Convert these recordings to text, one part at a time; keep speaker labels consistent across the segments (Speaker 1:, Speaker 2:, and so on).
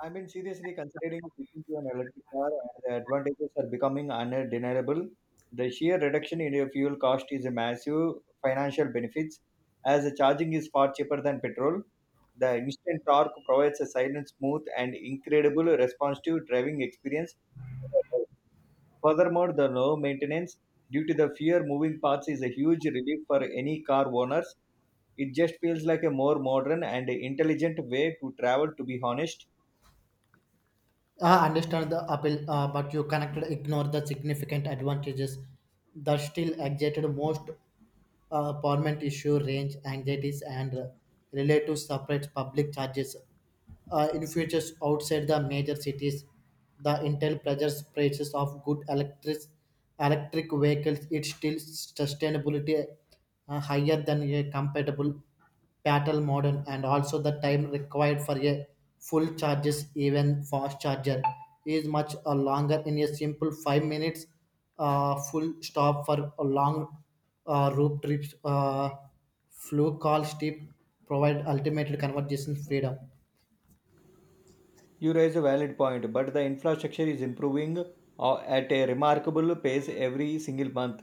Speaker 1: I mean, seriously considering switching to an electric car, and the advantages are becoming undeniable. The sheer reduction in your fuel cost is a massive financial benefits, as the charging is far cheaper than petrol. The instant torque provides a silent, smooth, and incredible responsive driving experience. Furthermore, the low maintenance due to the fewer moving parts is a huge relief for any car owners. It just feels like a more modern and intelligent way to travel, to be honest.
Speaker 2: I understand the appeal, but you cannot ignore the significant advantages that still excited most permanent issue range anxieties and relative separate public charges in futures outside the major cities. The Intel pressures prices of good electric vehicles it's still sustainability higher than a compatible petrol model, and also the time required for a full charges even fast charger is much longer in a simple 5 minutes full stop for a long road trips flu call steep provide ultimate conversation freedom.
Speaker 1: You raise a valid point, but the infrastructure is improving at a remarkable pace every single month.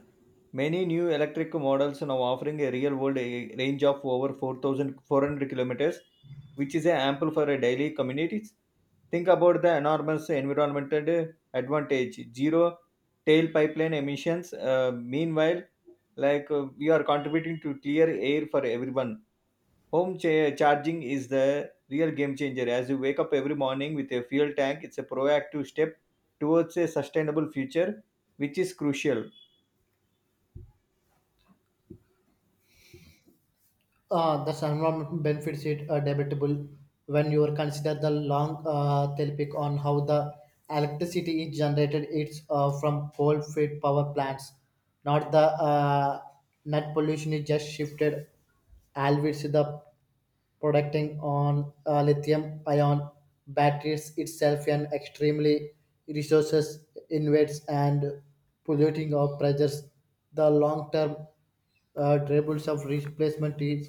Speaker 1: Many new electric models now offering a real world a range of over 4,400 kilometers, which is ample for a daily communities. Think about the enormous environmental advantage zero tail pipeline emissions. Meanwhile, we are contributing to clear air for everyone. Home charging is the real game changer. As you wake up every morning with a fuel tank, it's a proactive step towards a sustainable future, which is crucial.
Speaker 2: The environment benefits it are debatable when you consider the long topic on how the electricity is generated. It's from coal-fired power plants, not the net pollution is just shifted. Always the producting on lithium ion batteries itself an extremely resources invades and polluting of pressures the long term troubles of replacement is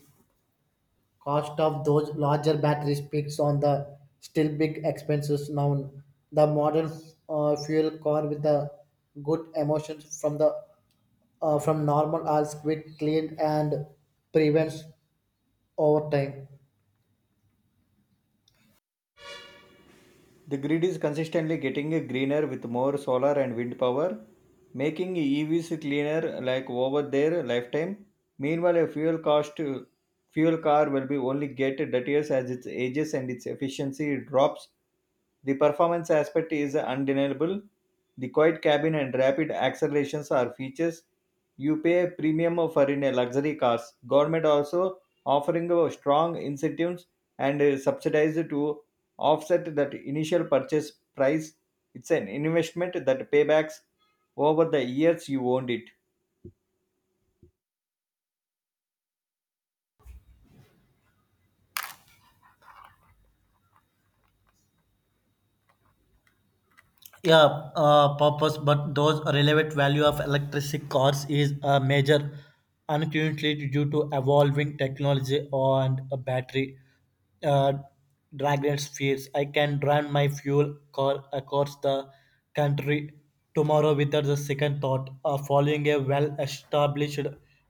Speaker 2: cost of those larger batteries peaks on the still big expenses now. The modern fuel car with the good emissions from the from normal are quick clean and prevents over time.
Speaker 1: The grid is consistently getting greener with more solar and wind power, making EVs cleaner like over their lifetime. Meanwhile, a fuel car will be only get dirtier as its ages and its efficiency drops. The performance aspect is undeniable. The quiet cabin and rapid accelerations are features you pay a premium for in a luxury cars. Government also offering a strong incentives and subsidized to offset that initial purchase price. It's an investment that paybacks over the years you owned it.
Speaker 2: Yeah, purpose but those relevant value of electric cars is a major uncertainty due to evolving technology and a battery uh, dragon's fears. I can run my fuel car across the country tomorrow without a second thought. Following a well-established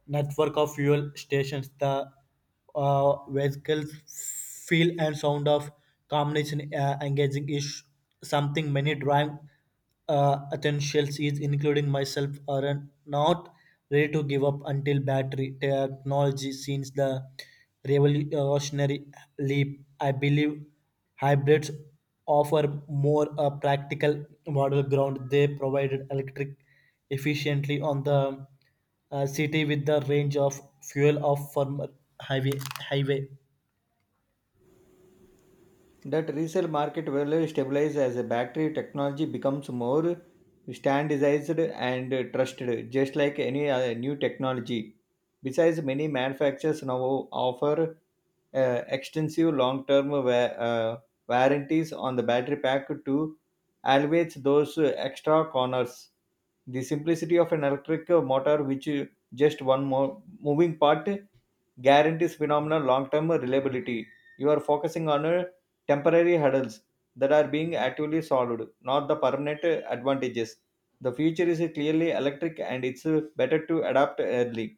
Speaker 2: network of fuel stations, the vehicle's feel and sound of combination engaging is something many drive essentials is including myself are not ready to give up until battery technology since the revolutionary leap. I believe hybrids offer more a practical model ground they provided electric efficiently on the city with the range of fuel of former highway highway.
Speaker 1: That resale market value stabilizes as a battery technology becomes more standardized and trusted just like any other new technology. Besides, many manufacturers now offer extensive long-term uh, warranties on the battery pack to alleviate those extra corners. The simplicity of an electric motor, which just one more moving part, guarantees phenomenal long-term reliability. You are focusing on temporary hurdles that are being actively solved, not the permanent advantages. The future is clearly electric and it's better to adapt early.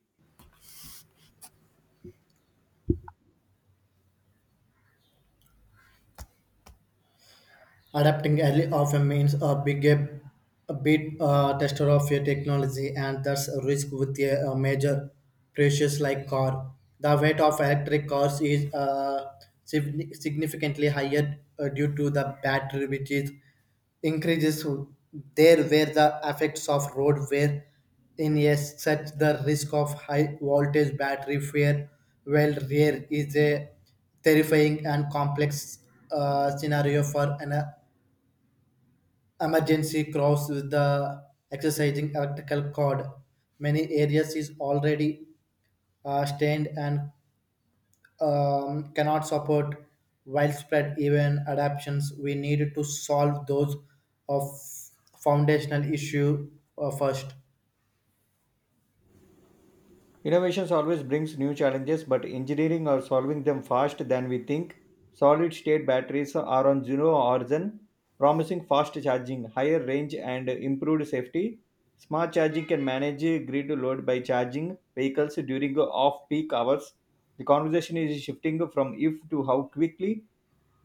Speaker 2: Adapting early often means a big a bit tester of your technology, and that's a risk with a major precious like car. The weight of electric cars is significantly higher due to the battery, which is increases there where the effects of road wear in yes, such the risk of high voltage battery failure well rare is a terrifying and complex scenario for an emergency crops with the exercising electrical cord. Many areas is already stained and cannot support widespread even adaptations. We need to solve those of foundational issue first.
Speaker 1: Innovations always brings new challenges, but engineering or solving them fast than we think. Solid state batteries are on zero origin, promising fast charging, higher range, and improved safety. Smart charging can manage grid load by charging vehicles during off peak hours. The conversation is shifting from if to how quickly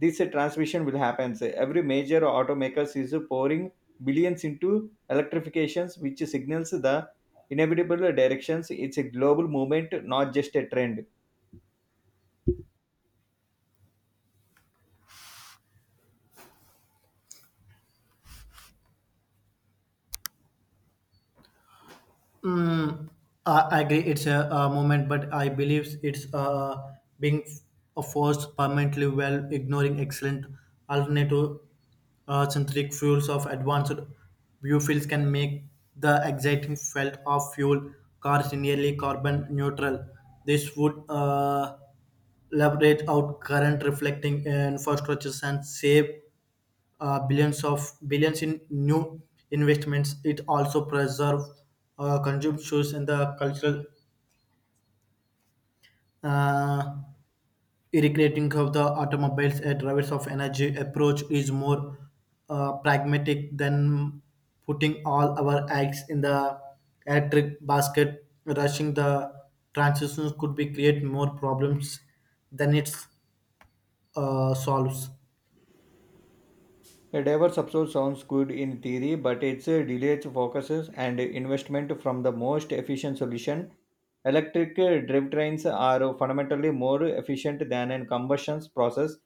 Speaker 1: this transmission will happen. Every major automaker is pouring billions into electrifications, which signals the inevitable directions. It's a global movement, not just a trend.
Speaker 2: Mm, I agree. It's a, moment, but I believe it's being forced permanently while ignoring excellent alternative synthetic fuels of advanced biofuels can make the exciting felt of fuel cars nearly carbon neutral. This would leverage out current reflecting infrastructures and save billions of billions in new investments. It also preserve consumptions and the cultural uh, irrigating of the automobiles. A drivers of energy approach is more pragmatic than putting all our eggs in the electric basket. Rushing the transitions could be create more problems than it solves.
Speaker 1: A diverse approach sounds good in theory, but it's delays focuses and investment from the most efficient solution. Electric drivetrains are fundamentally more efficient than a combustion process,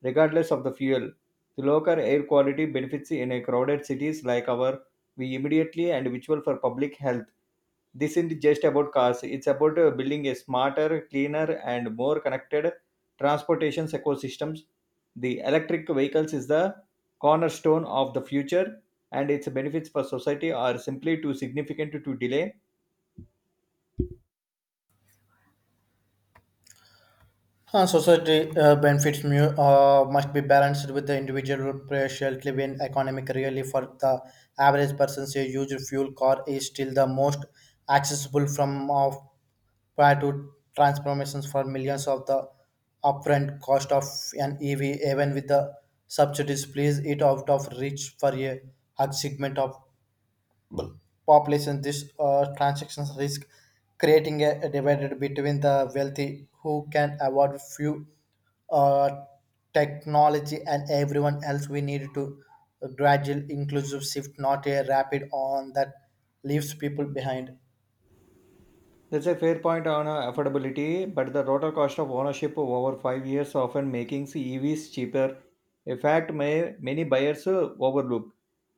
Speaker 1: regardless of the fuel. The local air quality benefits in a crowded cities like our we immediately and visual for public health. This isn't just about cars, it's about building a smarter, cleaner, and more connected transportation ecosystems. The electric vehicles is the cornerstone of the future, and its benefits for society are simply too significant to delay.
Speaker 2: Society benefits must be balanced with the individual pressure when economic really for the average person say used fuel car is still the most accessible from of prior to transformations for millions of the upfront cost of an EV even with the subsidies please it out of reach for a hard segment of population. This transactions risk creating a divide between the wealthy who can afford few uh, technology and everyone else. We need to gradual inclusive shift, not a rapid on that leaves people behind.
Speaker 1: That's a fair point on affordability, but the total cost of ownership over 5 years often making EVs cheaper. A fact may, many buyers overlook.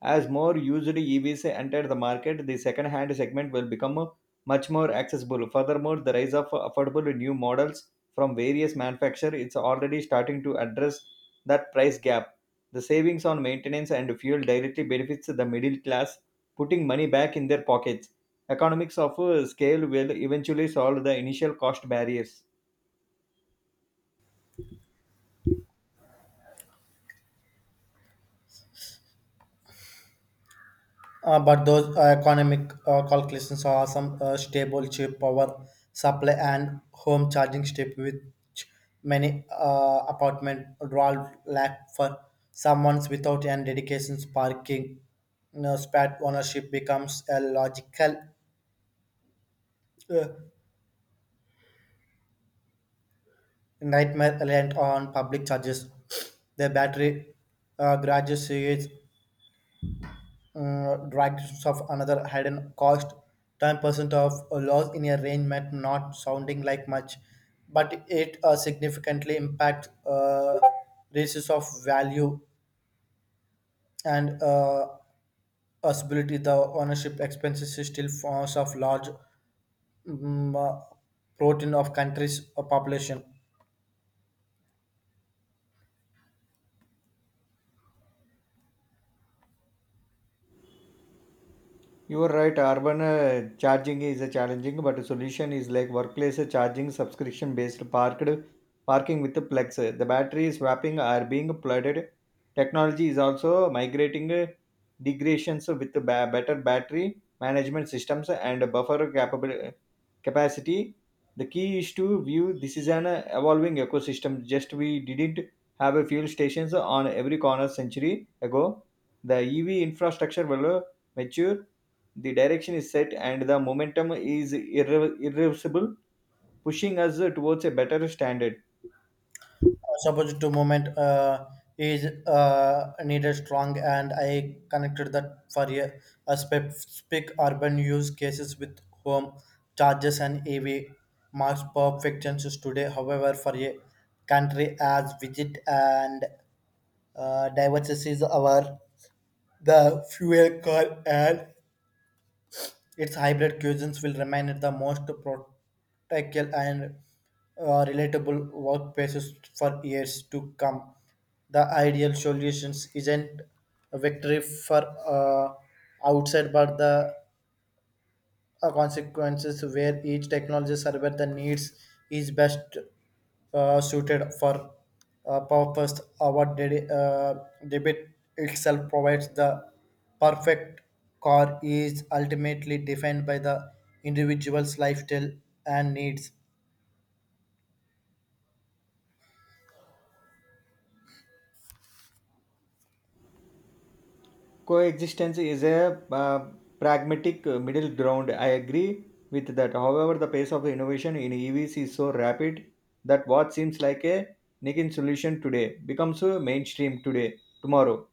Speaker 1: As more used EVs enter the market, the second-hand segment will become much more accessible. Furthermore, the rise of affordable new models from various manufacturers it's already starting to address that price gap. The savings on maintenance and fuel directly benefits the middle class, putting money back in their pockets. Economics of scale will eventually solve the initial cost barriers.
Speaker 2: But those economic calculations are some stable cheap power supply and home charging step which many apartment dwell lack for someone's without and dedications parking, you know, spat ownership becomes a logical uh, nightmare reliant on public charges the battery graduates dragons of another hidden cost. 10% of a loss in a range might not sounding like much, but it significantly impacts races of value and possibility the ownership expenses is still forms of large mm, uh, protein of countries population.
Speaker 1: You are right, urban charging is a challenging, but a solution is like workplace charging subscription based parked parking with the Plex. The battery is swapping are being flooded. Technology is also migrating degradations with the better battery management systems and buffer capable capacity. The key is to view this is an evolving ecosystem. Just we didn't have a fuel stations on every corner century ago. The EV infrastructure will mature. The direction is set and the momentum is irreversible, pushing us towards a better standard.
Speaker 2: Supposed to moment is needed strong and I connected that for a specific urban use cases with home charges and av marks perfections today, however, for a country as widget and diversity is our the fuel car and its hybrid cuisines will remain the most practical and relatable workplaces for years to come. The ideal solutions isn't a victory for outside, but the consequences where each technology serves the needs is best suited for purpose our debit itself provides the perfect car is ultimately defined by the individual's lifestyle and needs.
Speaker 1: Coexistence is a pragmatic middle ground. I agree with that. However, the pace of innovation in EVs is so rapid that what seems like a niche solution today becomes a mainstream today, tomorrow.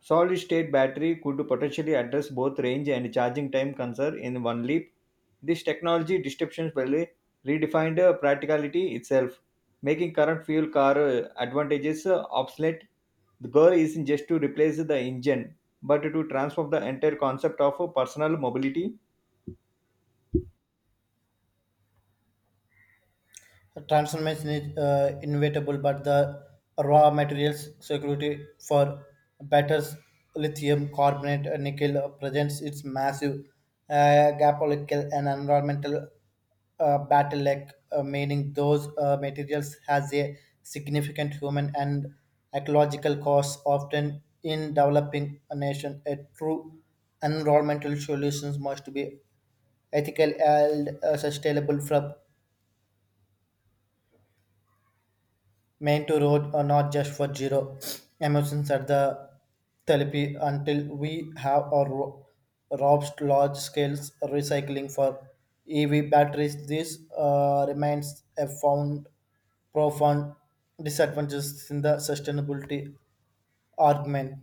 Speaker 1: Solid-state battery could potentially address both range and charging time concerns in one leap. This technology disruption will redefined practicality itself, making current fuel car advantages obsolete. The goal isn't just to replace the engine, but to transform the entire concept of personal mobility.
Speaker 2: Transformation is inevitable, but the raw materials security for batteries, lithium carbonate, and nickel presents its massive geopolitical and environmental battle like meaning those materials has a significant human and ecological cost often in developing a nation a true environmental solutions must be ethical and sustainable from meant to road or not just for zero emotions at the therapy until we have or robust large scales recycling for EV batteries. This remains a found profound disadvantages in the sustainability argument.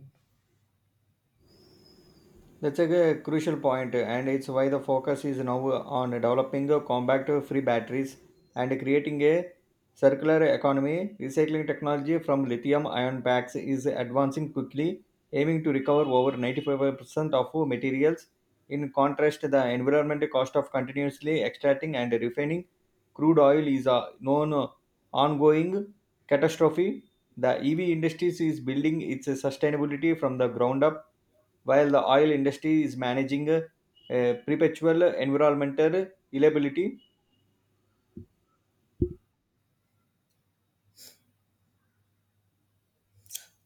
Speaker 1: That's a crucial point, and it's why the focus is now on developing compact free batteries and creating a circular economy. Recycling technology from lithium ion packs is advancing quickly, aiming to recover over 95% of materials. In contrast, the environmental cost of continuously extracting and refining crude oil is a known ongoing catastrophe. The EV industry is building its sustainability from the ground up, while the oil industry is managing a perpetual environmental liability.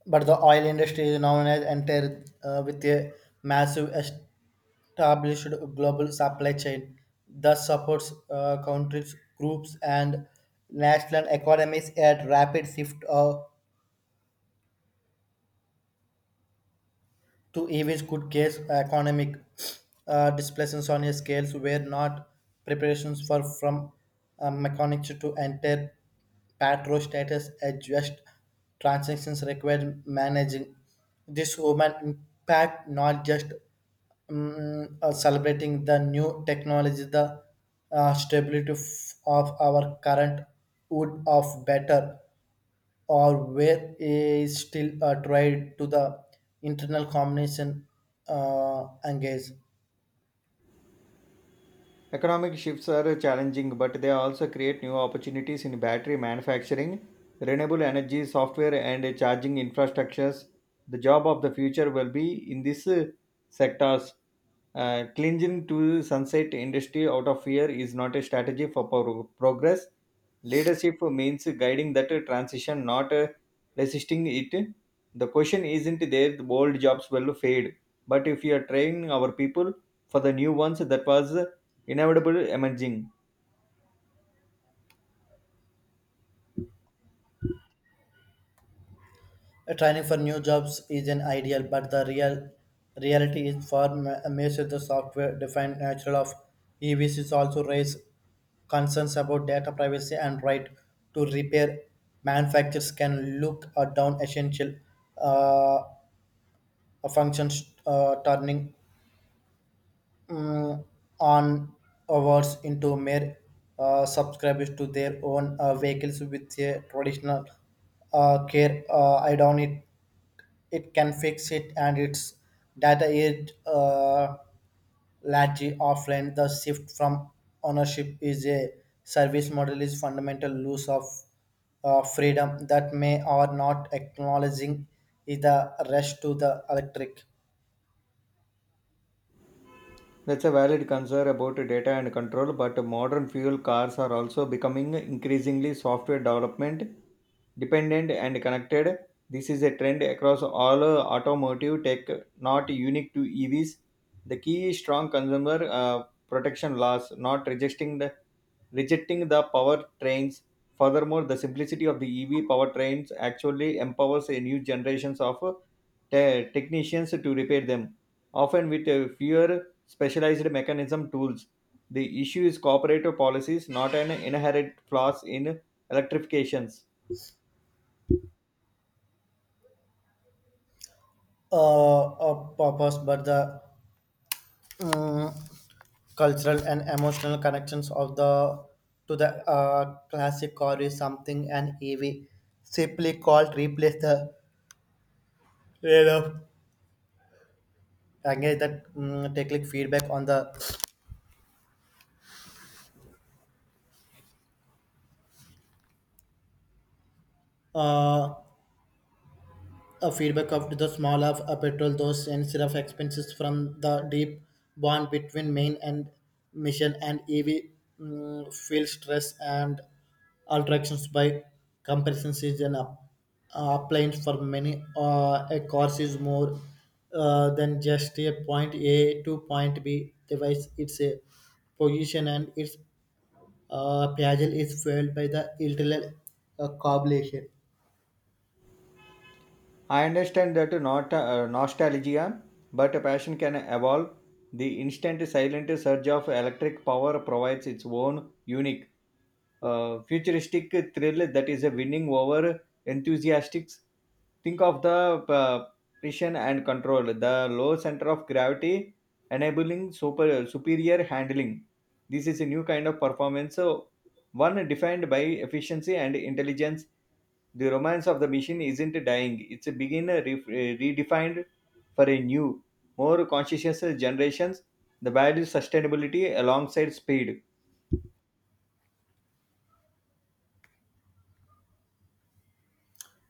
Speaker 2: But the oil industry is now has entered with a massive established global supply chain that supports countries, groups, and national economies. At rapid shift to EVs could cause economic displacements on a scales where not preparations for from mechanics to enter patro status adjust transactions required managing this human impact, not just celebrating the new technology, the stability of our current wood of better, or where is still tried to the internal combination engage.
Speaker 1: Economic shifts are challenging, but they also create new opportunities in battery manufacturing, renewable energy, software, and charging infrastructures. The job of the future will be in these sectors. Clinging to sunset industry out of fear is not a strategy for progress. Leadership means guiding that transition, not resisting it. The question isn't there the old jobs will fade, but if you are training our people for the new ones that was inevitable emerging.
Speaker 2: Training for new jobs is an ideal, but the real reality is for the software-defined nature of EVCs also raise concerns about data privacy and right to repair. Manufacturers can look or down essential uh, functions, turning mm, on awards into mere subscribers to their own vehicles with a traditional care. I don't need it can fix it and its data is largely offline the shift from ownership is a service model is fundamental loss of freedom that may or not acknowledging is the rush to the electric.
Speaker 1: That's a valid concern about data and control, but modern fuel cars are also becoming increasingly software development dependent and connected. This is a trend across all automotive tech, not unique to EVs. The key is strong consumer protection laws, not rejecting the powertrains. Furthermore, the simplicity of the EV powertrains actually empowers a new generations of technicians to repair them, often with fewer specialized mechanism tools. The issue is cooperative policies, not an inherent flaws in electrifications.
Speaker 2: Purpose but the um, cultural and emotional connections of the to the classic car is something an ev simply called replace the trade-off again that take like feedback on the uh, feedback of the small of petrol those instead of expenses from the deep bond between main and mission and ev feel stress and alterations by comparison season up appliance for many a course is more than just a point a to point b device it's a position and its Piaget is fueled by the internal coagulation.
Speaker 1: I understand that not nostalgia, but a passion can evolve. The instant silent surge of electric power provides its own unique, futuristic thrill that is a winning over enthusiastics. Think of the precision and control, the low center of gravity enabling superior handling. This is a new kind of performance, so one defined by efficiency and intelligence. The romance of the machine isn't dying, it's being redefined for a new, more conscientious generations. The value sustainability alongside speed.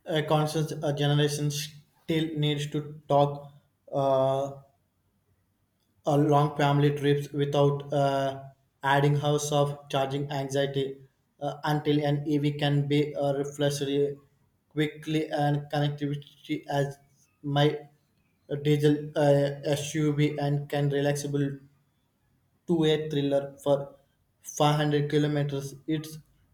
Speaker 2: A constant generation still needs to talk uh, a long family trips without adding hours of charging anxiety until an EV can be reflected quickly and connectivity as my diesel SUV and can relaxable two-way thriller for 500 kilometers. It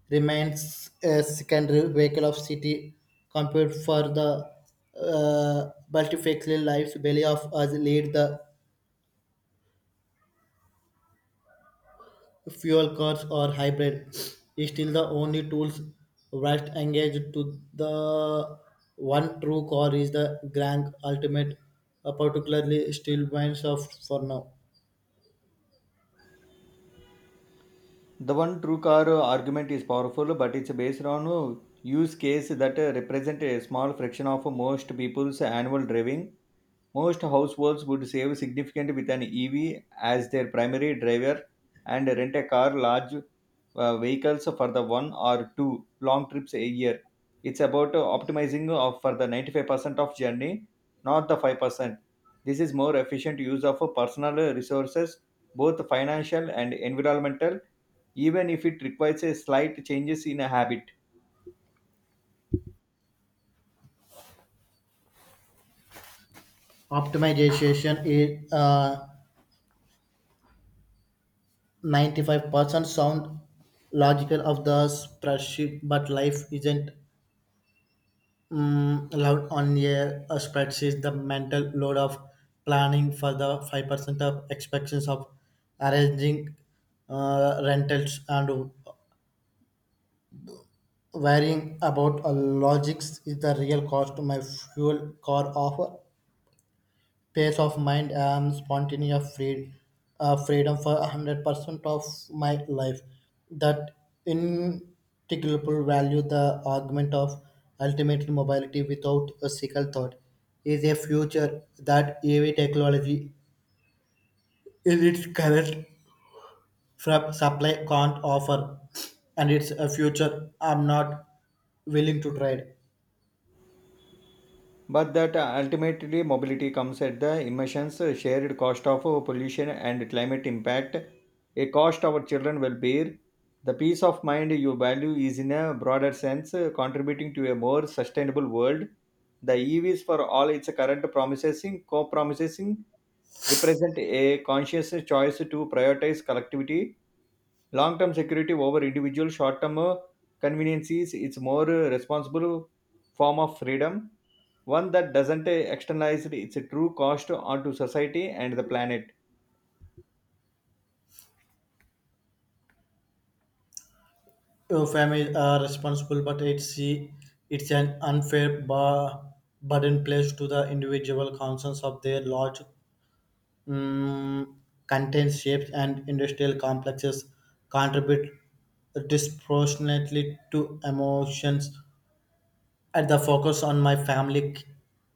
Speaker 2: remains a secondary vehicle of city compute for the multifaceted lives. Belly of us lead the fuel cars or hybrid. It's still the only tools right engaged to the one true core is the grand ultimate, particularly still minds of for now.
Speaker 1: The one true car argument is powerful, but it's based on a use case that represent a small fraction of most people's annual driving. Most households would save significant with an EV as their primary driver and rent a car large vehicles for the one or two long trips a year. It's about optimizing of for the 95% of journey, not the 5%. This is more efficient use of personal resources, both financial and environmental, even if it requires a slight changes in a habit.
Speaker 2: Optimization is 95% sound logical of the spreadsheet, but life isn't allowed on a spreadsheet the mental load of planning for the 5% of expectations of arranging rentals and worrying about a logics is the real cost. My fuel car offer peace of mind I am spontaneous free, freedom for 100% of my life. That intangible value, the argument of ultimate mobility without a single thought, is a future that EV technology in its current from supply can't offer, and it's a future I'm not willing to trade.
Speaker 1: But that ultimately mobility comes at the emissions, shared cost of pollution and climate impact, a cost our children will bear. The peace of mind you value is in a broader sense contributing to a more sustainable world. The EVs for all its current co-promising represent a conscious choice to prioritize collectivity, long term security over individual short term conveniences. It's more responsible form of freedom, one that doesn't externalize its true cost onto society and the planet.
Speaker 2: Your families are responsible, but it's an unfair bar, burden placed to the individual concerns of their large um, content shapes and industrial complexes contribute disproportionately to emotions. At the focus on my family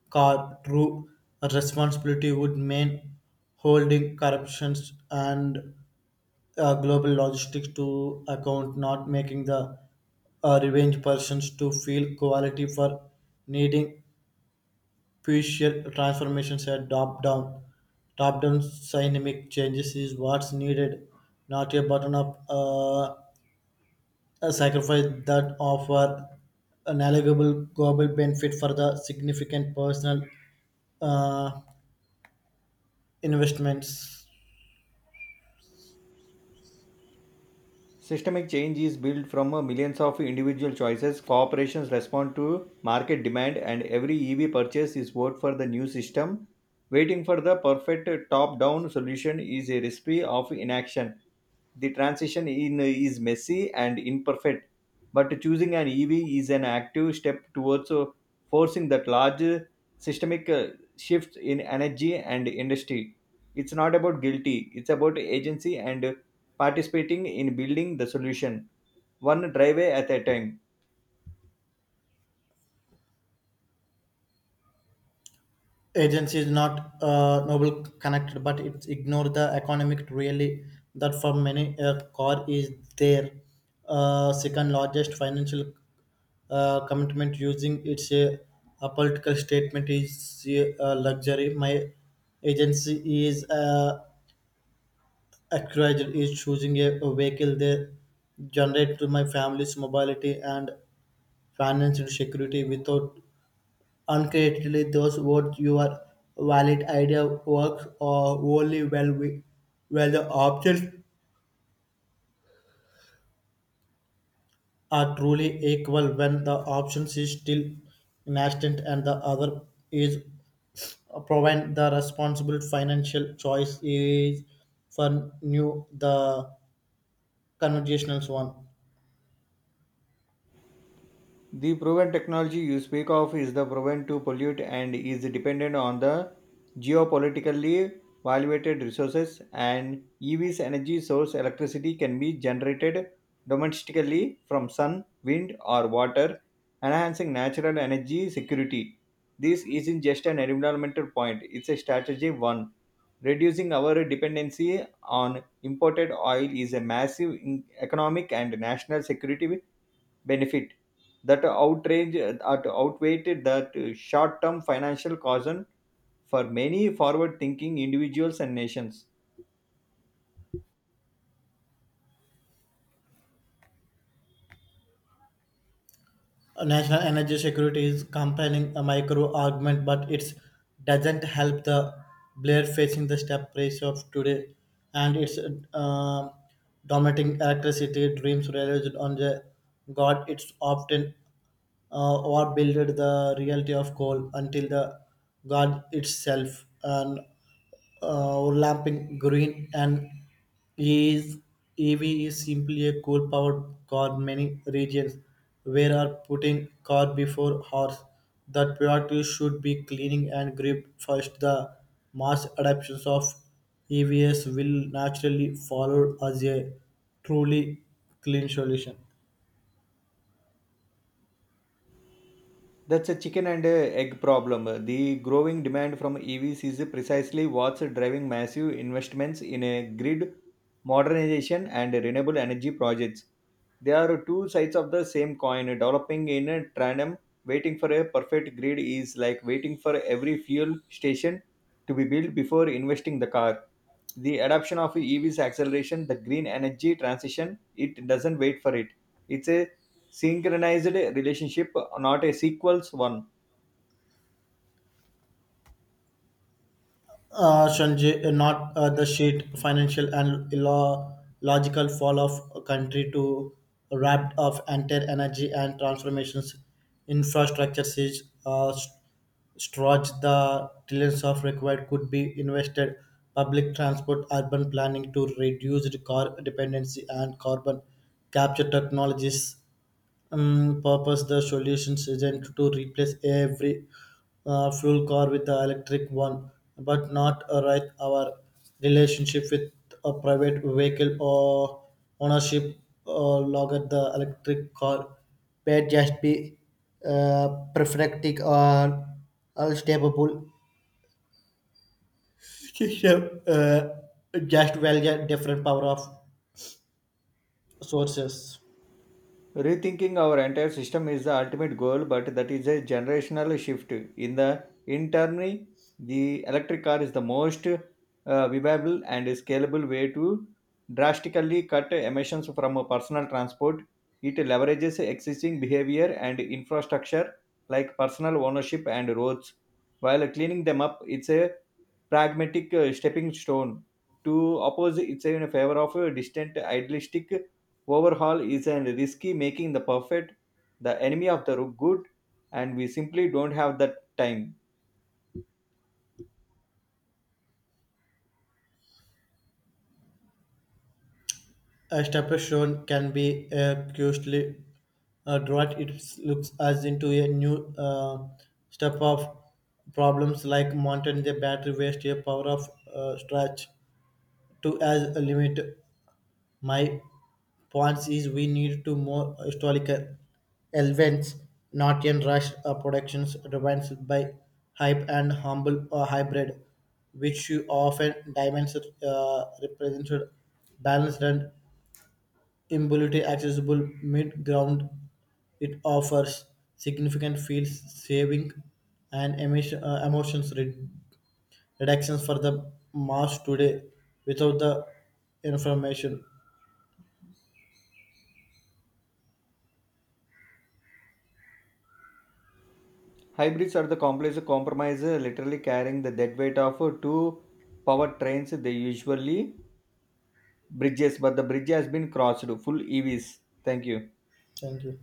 Speaker 2: car true responsibility would mean holding corruptions and global logistics to account, not making the revenge persons to feel quality for needing crucial transformations at top down. Top down dynamic changes is what's needed, not a button up a sacrifice that offer an eligible global benefit for the significant personal uh, investments.
Speaker 1: Systemic change is built from millions of individual choices. Corporations respond to market demand, and every EV purchase is vote for the new system. Waiting for the perfect top down solution is a recipe of inaction. The transition in, is messy and imperfect. But choosing an EV is an active step towards forcing that large systemic shift in energy and industry. It's not about guilty, it's about agency and participating in building the solution, one driveway at a time.
Speaker 2: Agency is not noble connected but it's ignore the economic really that for many car is their second largest financial commitment using its a political statement is a luxury. My agency is encouraged is choosing a vehicle that generate to my family's mobility and financial security without uncreatively, those words your valid idea works or only well we, where the options are truly equal when the options is still nascent and the other is provide the responsible financial choice is for new the conversational one.
Speaker 1: The proven technology you speak of is the proven to pollute and is dependent on the geopolitically valuated resources, and EV's energy source electricity can be generated domestically from sun, wind or water, enhancing natural energy security. This isn't just an environmental point, it's a strategy one. Reducing our dependency on imported oil is a massive economic and national security benefit that outrange that outweighed that short-term financial concern for many forward-thinking individuals and nations.
Speaker 2: National energy security is compelling a micro argument, but it doesn't help the Blair facing the step price of today and its uh, dominating electricity dreams realized on the God. It's often what builded the reality of coal until the god itself and lamping green and is EV is simply a coal powered car. Many regions where are putting car before horse that priority should be cleaning and grip first the mass adoptions of EVs will naturally follow as a truly clean solution.
Speaker 1: That's a chicken and egg problem. The growing demand from EVs is precisely what's driving massive investments in a grid modernization and renewable energy projects. They are two sides of the same coin. Developing in a tandem, waiting for a perfect grid is like waiting for every fuel station to be built before investing the car. The adoption of EVs acceleration, the green energy transition, it doesn't wait for it. It's a synchronized relationship, not a sequels one.
Speaker 2: Sanjay, not the sheet financial and logical fall of a country to wrapped of entire energy and transformations infrastructure siege stretch the trillions of required could be invested public transport urban planning to reduce the car dependency and carbon capture technologies purpose the solutions isn't to replace every fuel car with the electric one, but not right our relationship with a private vehicle or ownership log at the electric car may just be uh, perfecting or unstable system just well, yeah, different power of sources.
Speaker 1: Rethinking our entire system is the ultimate goal, but that is a generational shift in the internally the electric car is the most viable and scalable way to drastically cut emissions from personal transport. It leverages existing behavior and infrastructure like personal ownership and roads, while cleaning them up. It's a pragmatic stepping stone to oppose it's in favor of a distant idealistic overhaul. Is a risky making the perfect the enemy of the good, and we simply don't have the time.
Speaker 2: A stepper shown can be curiously drawn. It looks as into a new step of problems like mountain the battery waste, a power of stretch to as a limit. My points is we need to more historical elements, not in rush productions driven by hype and humble or hybrid, which you often dimensions represented balanced and immobility accessible mid ground, it offers significant fuel saving and emission, emissions reductions for the mass today without the information.
Speaker 1: Hybrids are the complex compromise literally carrying the dead weight of two power trains. They usually bridges, but the bridge has been crossed full EVs. Thank you.
Speaker 2: Thank you.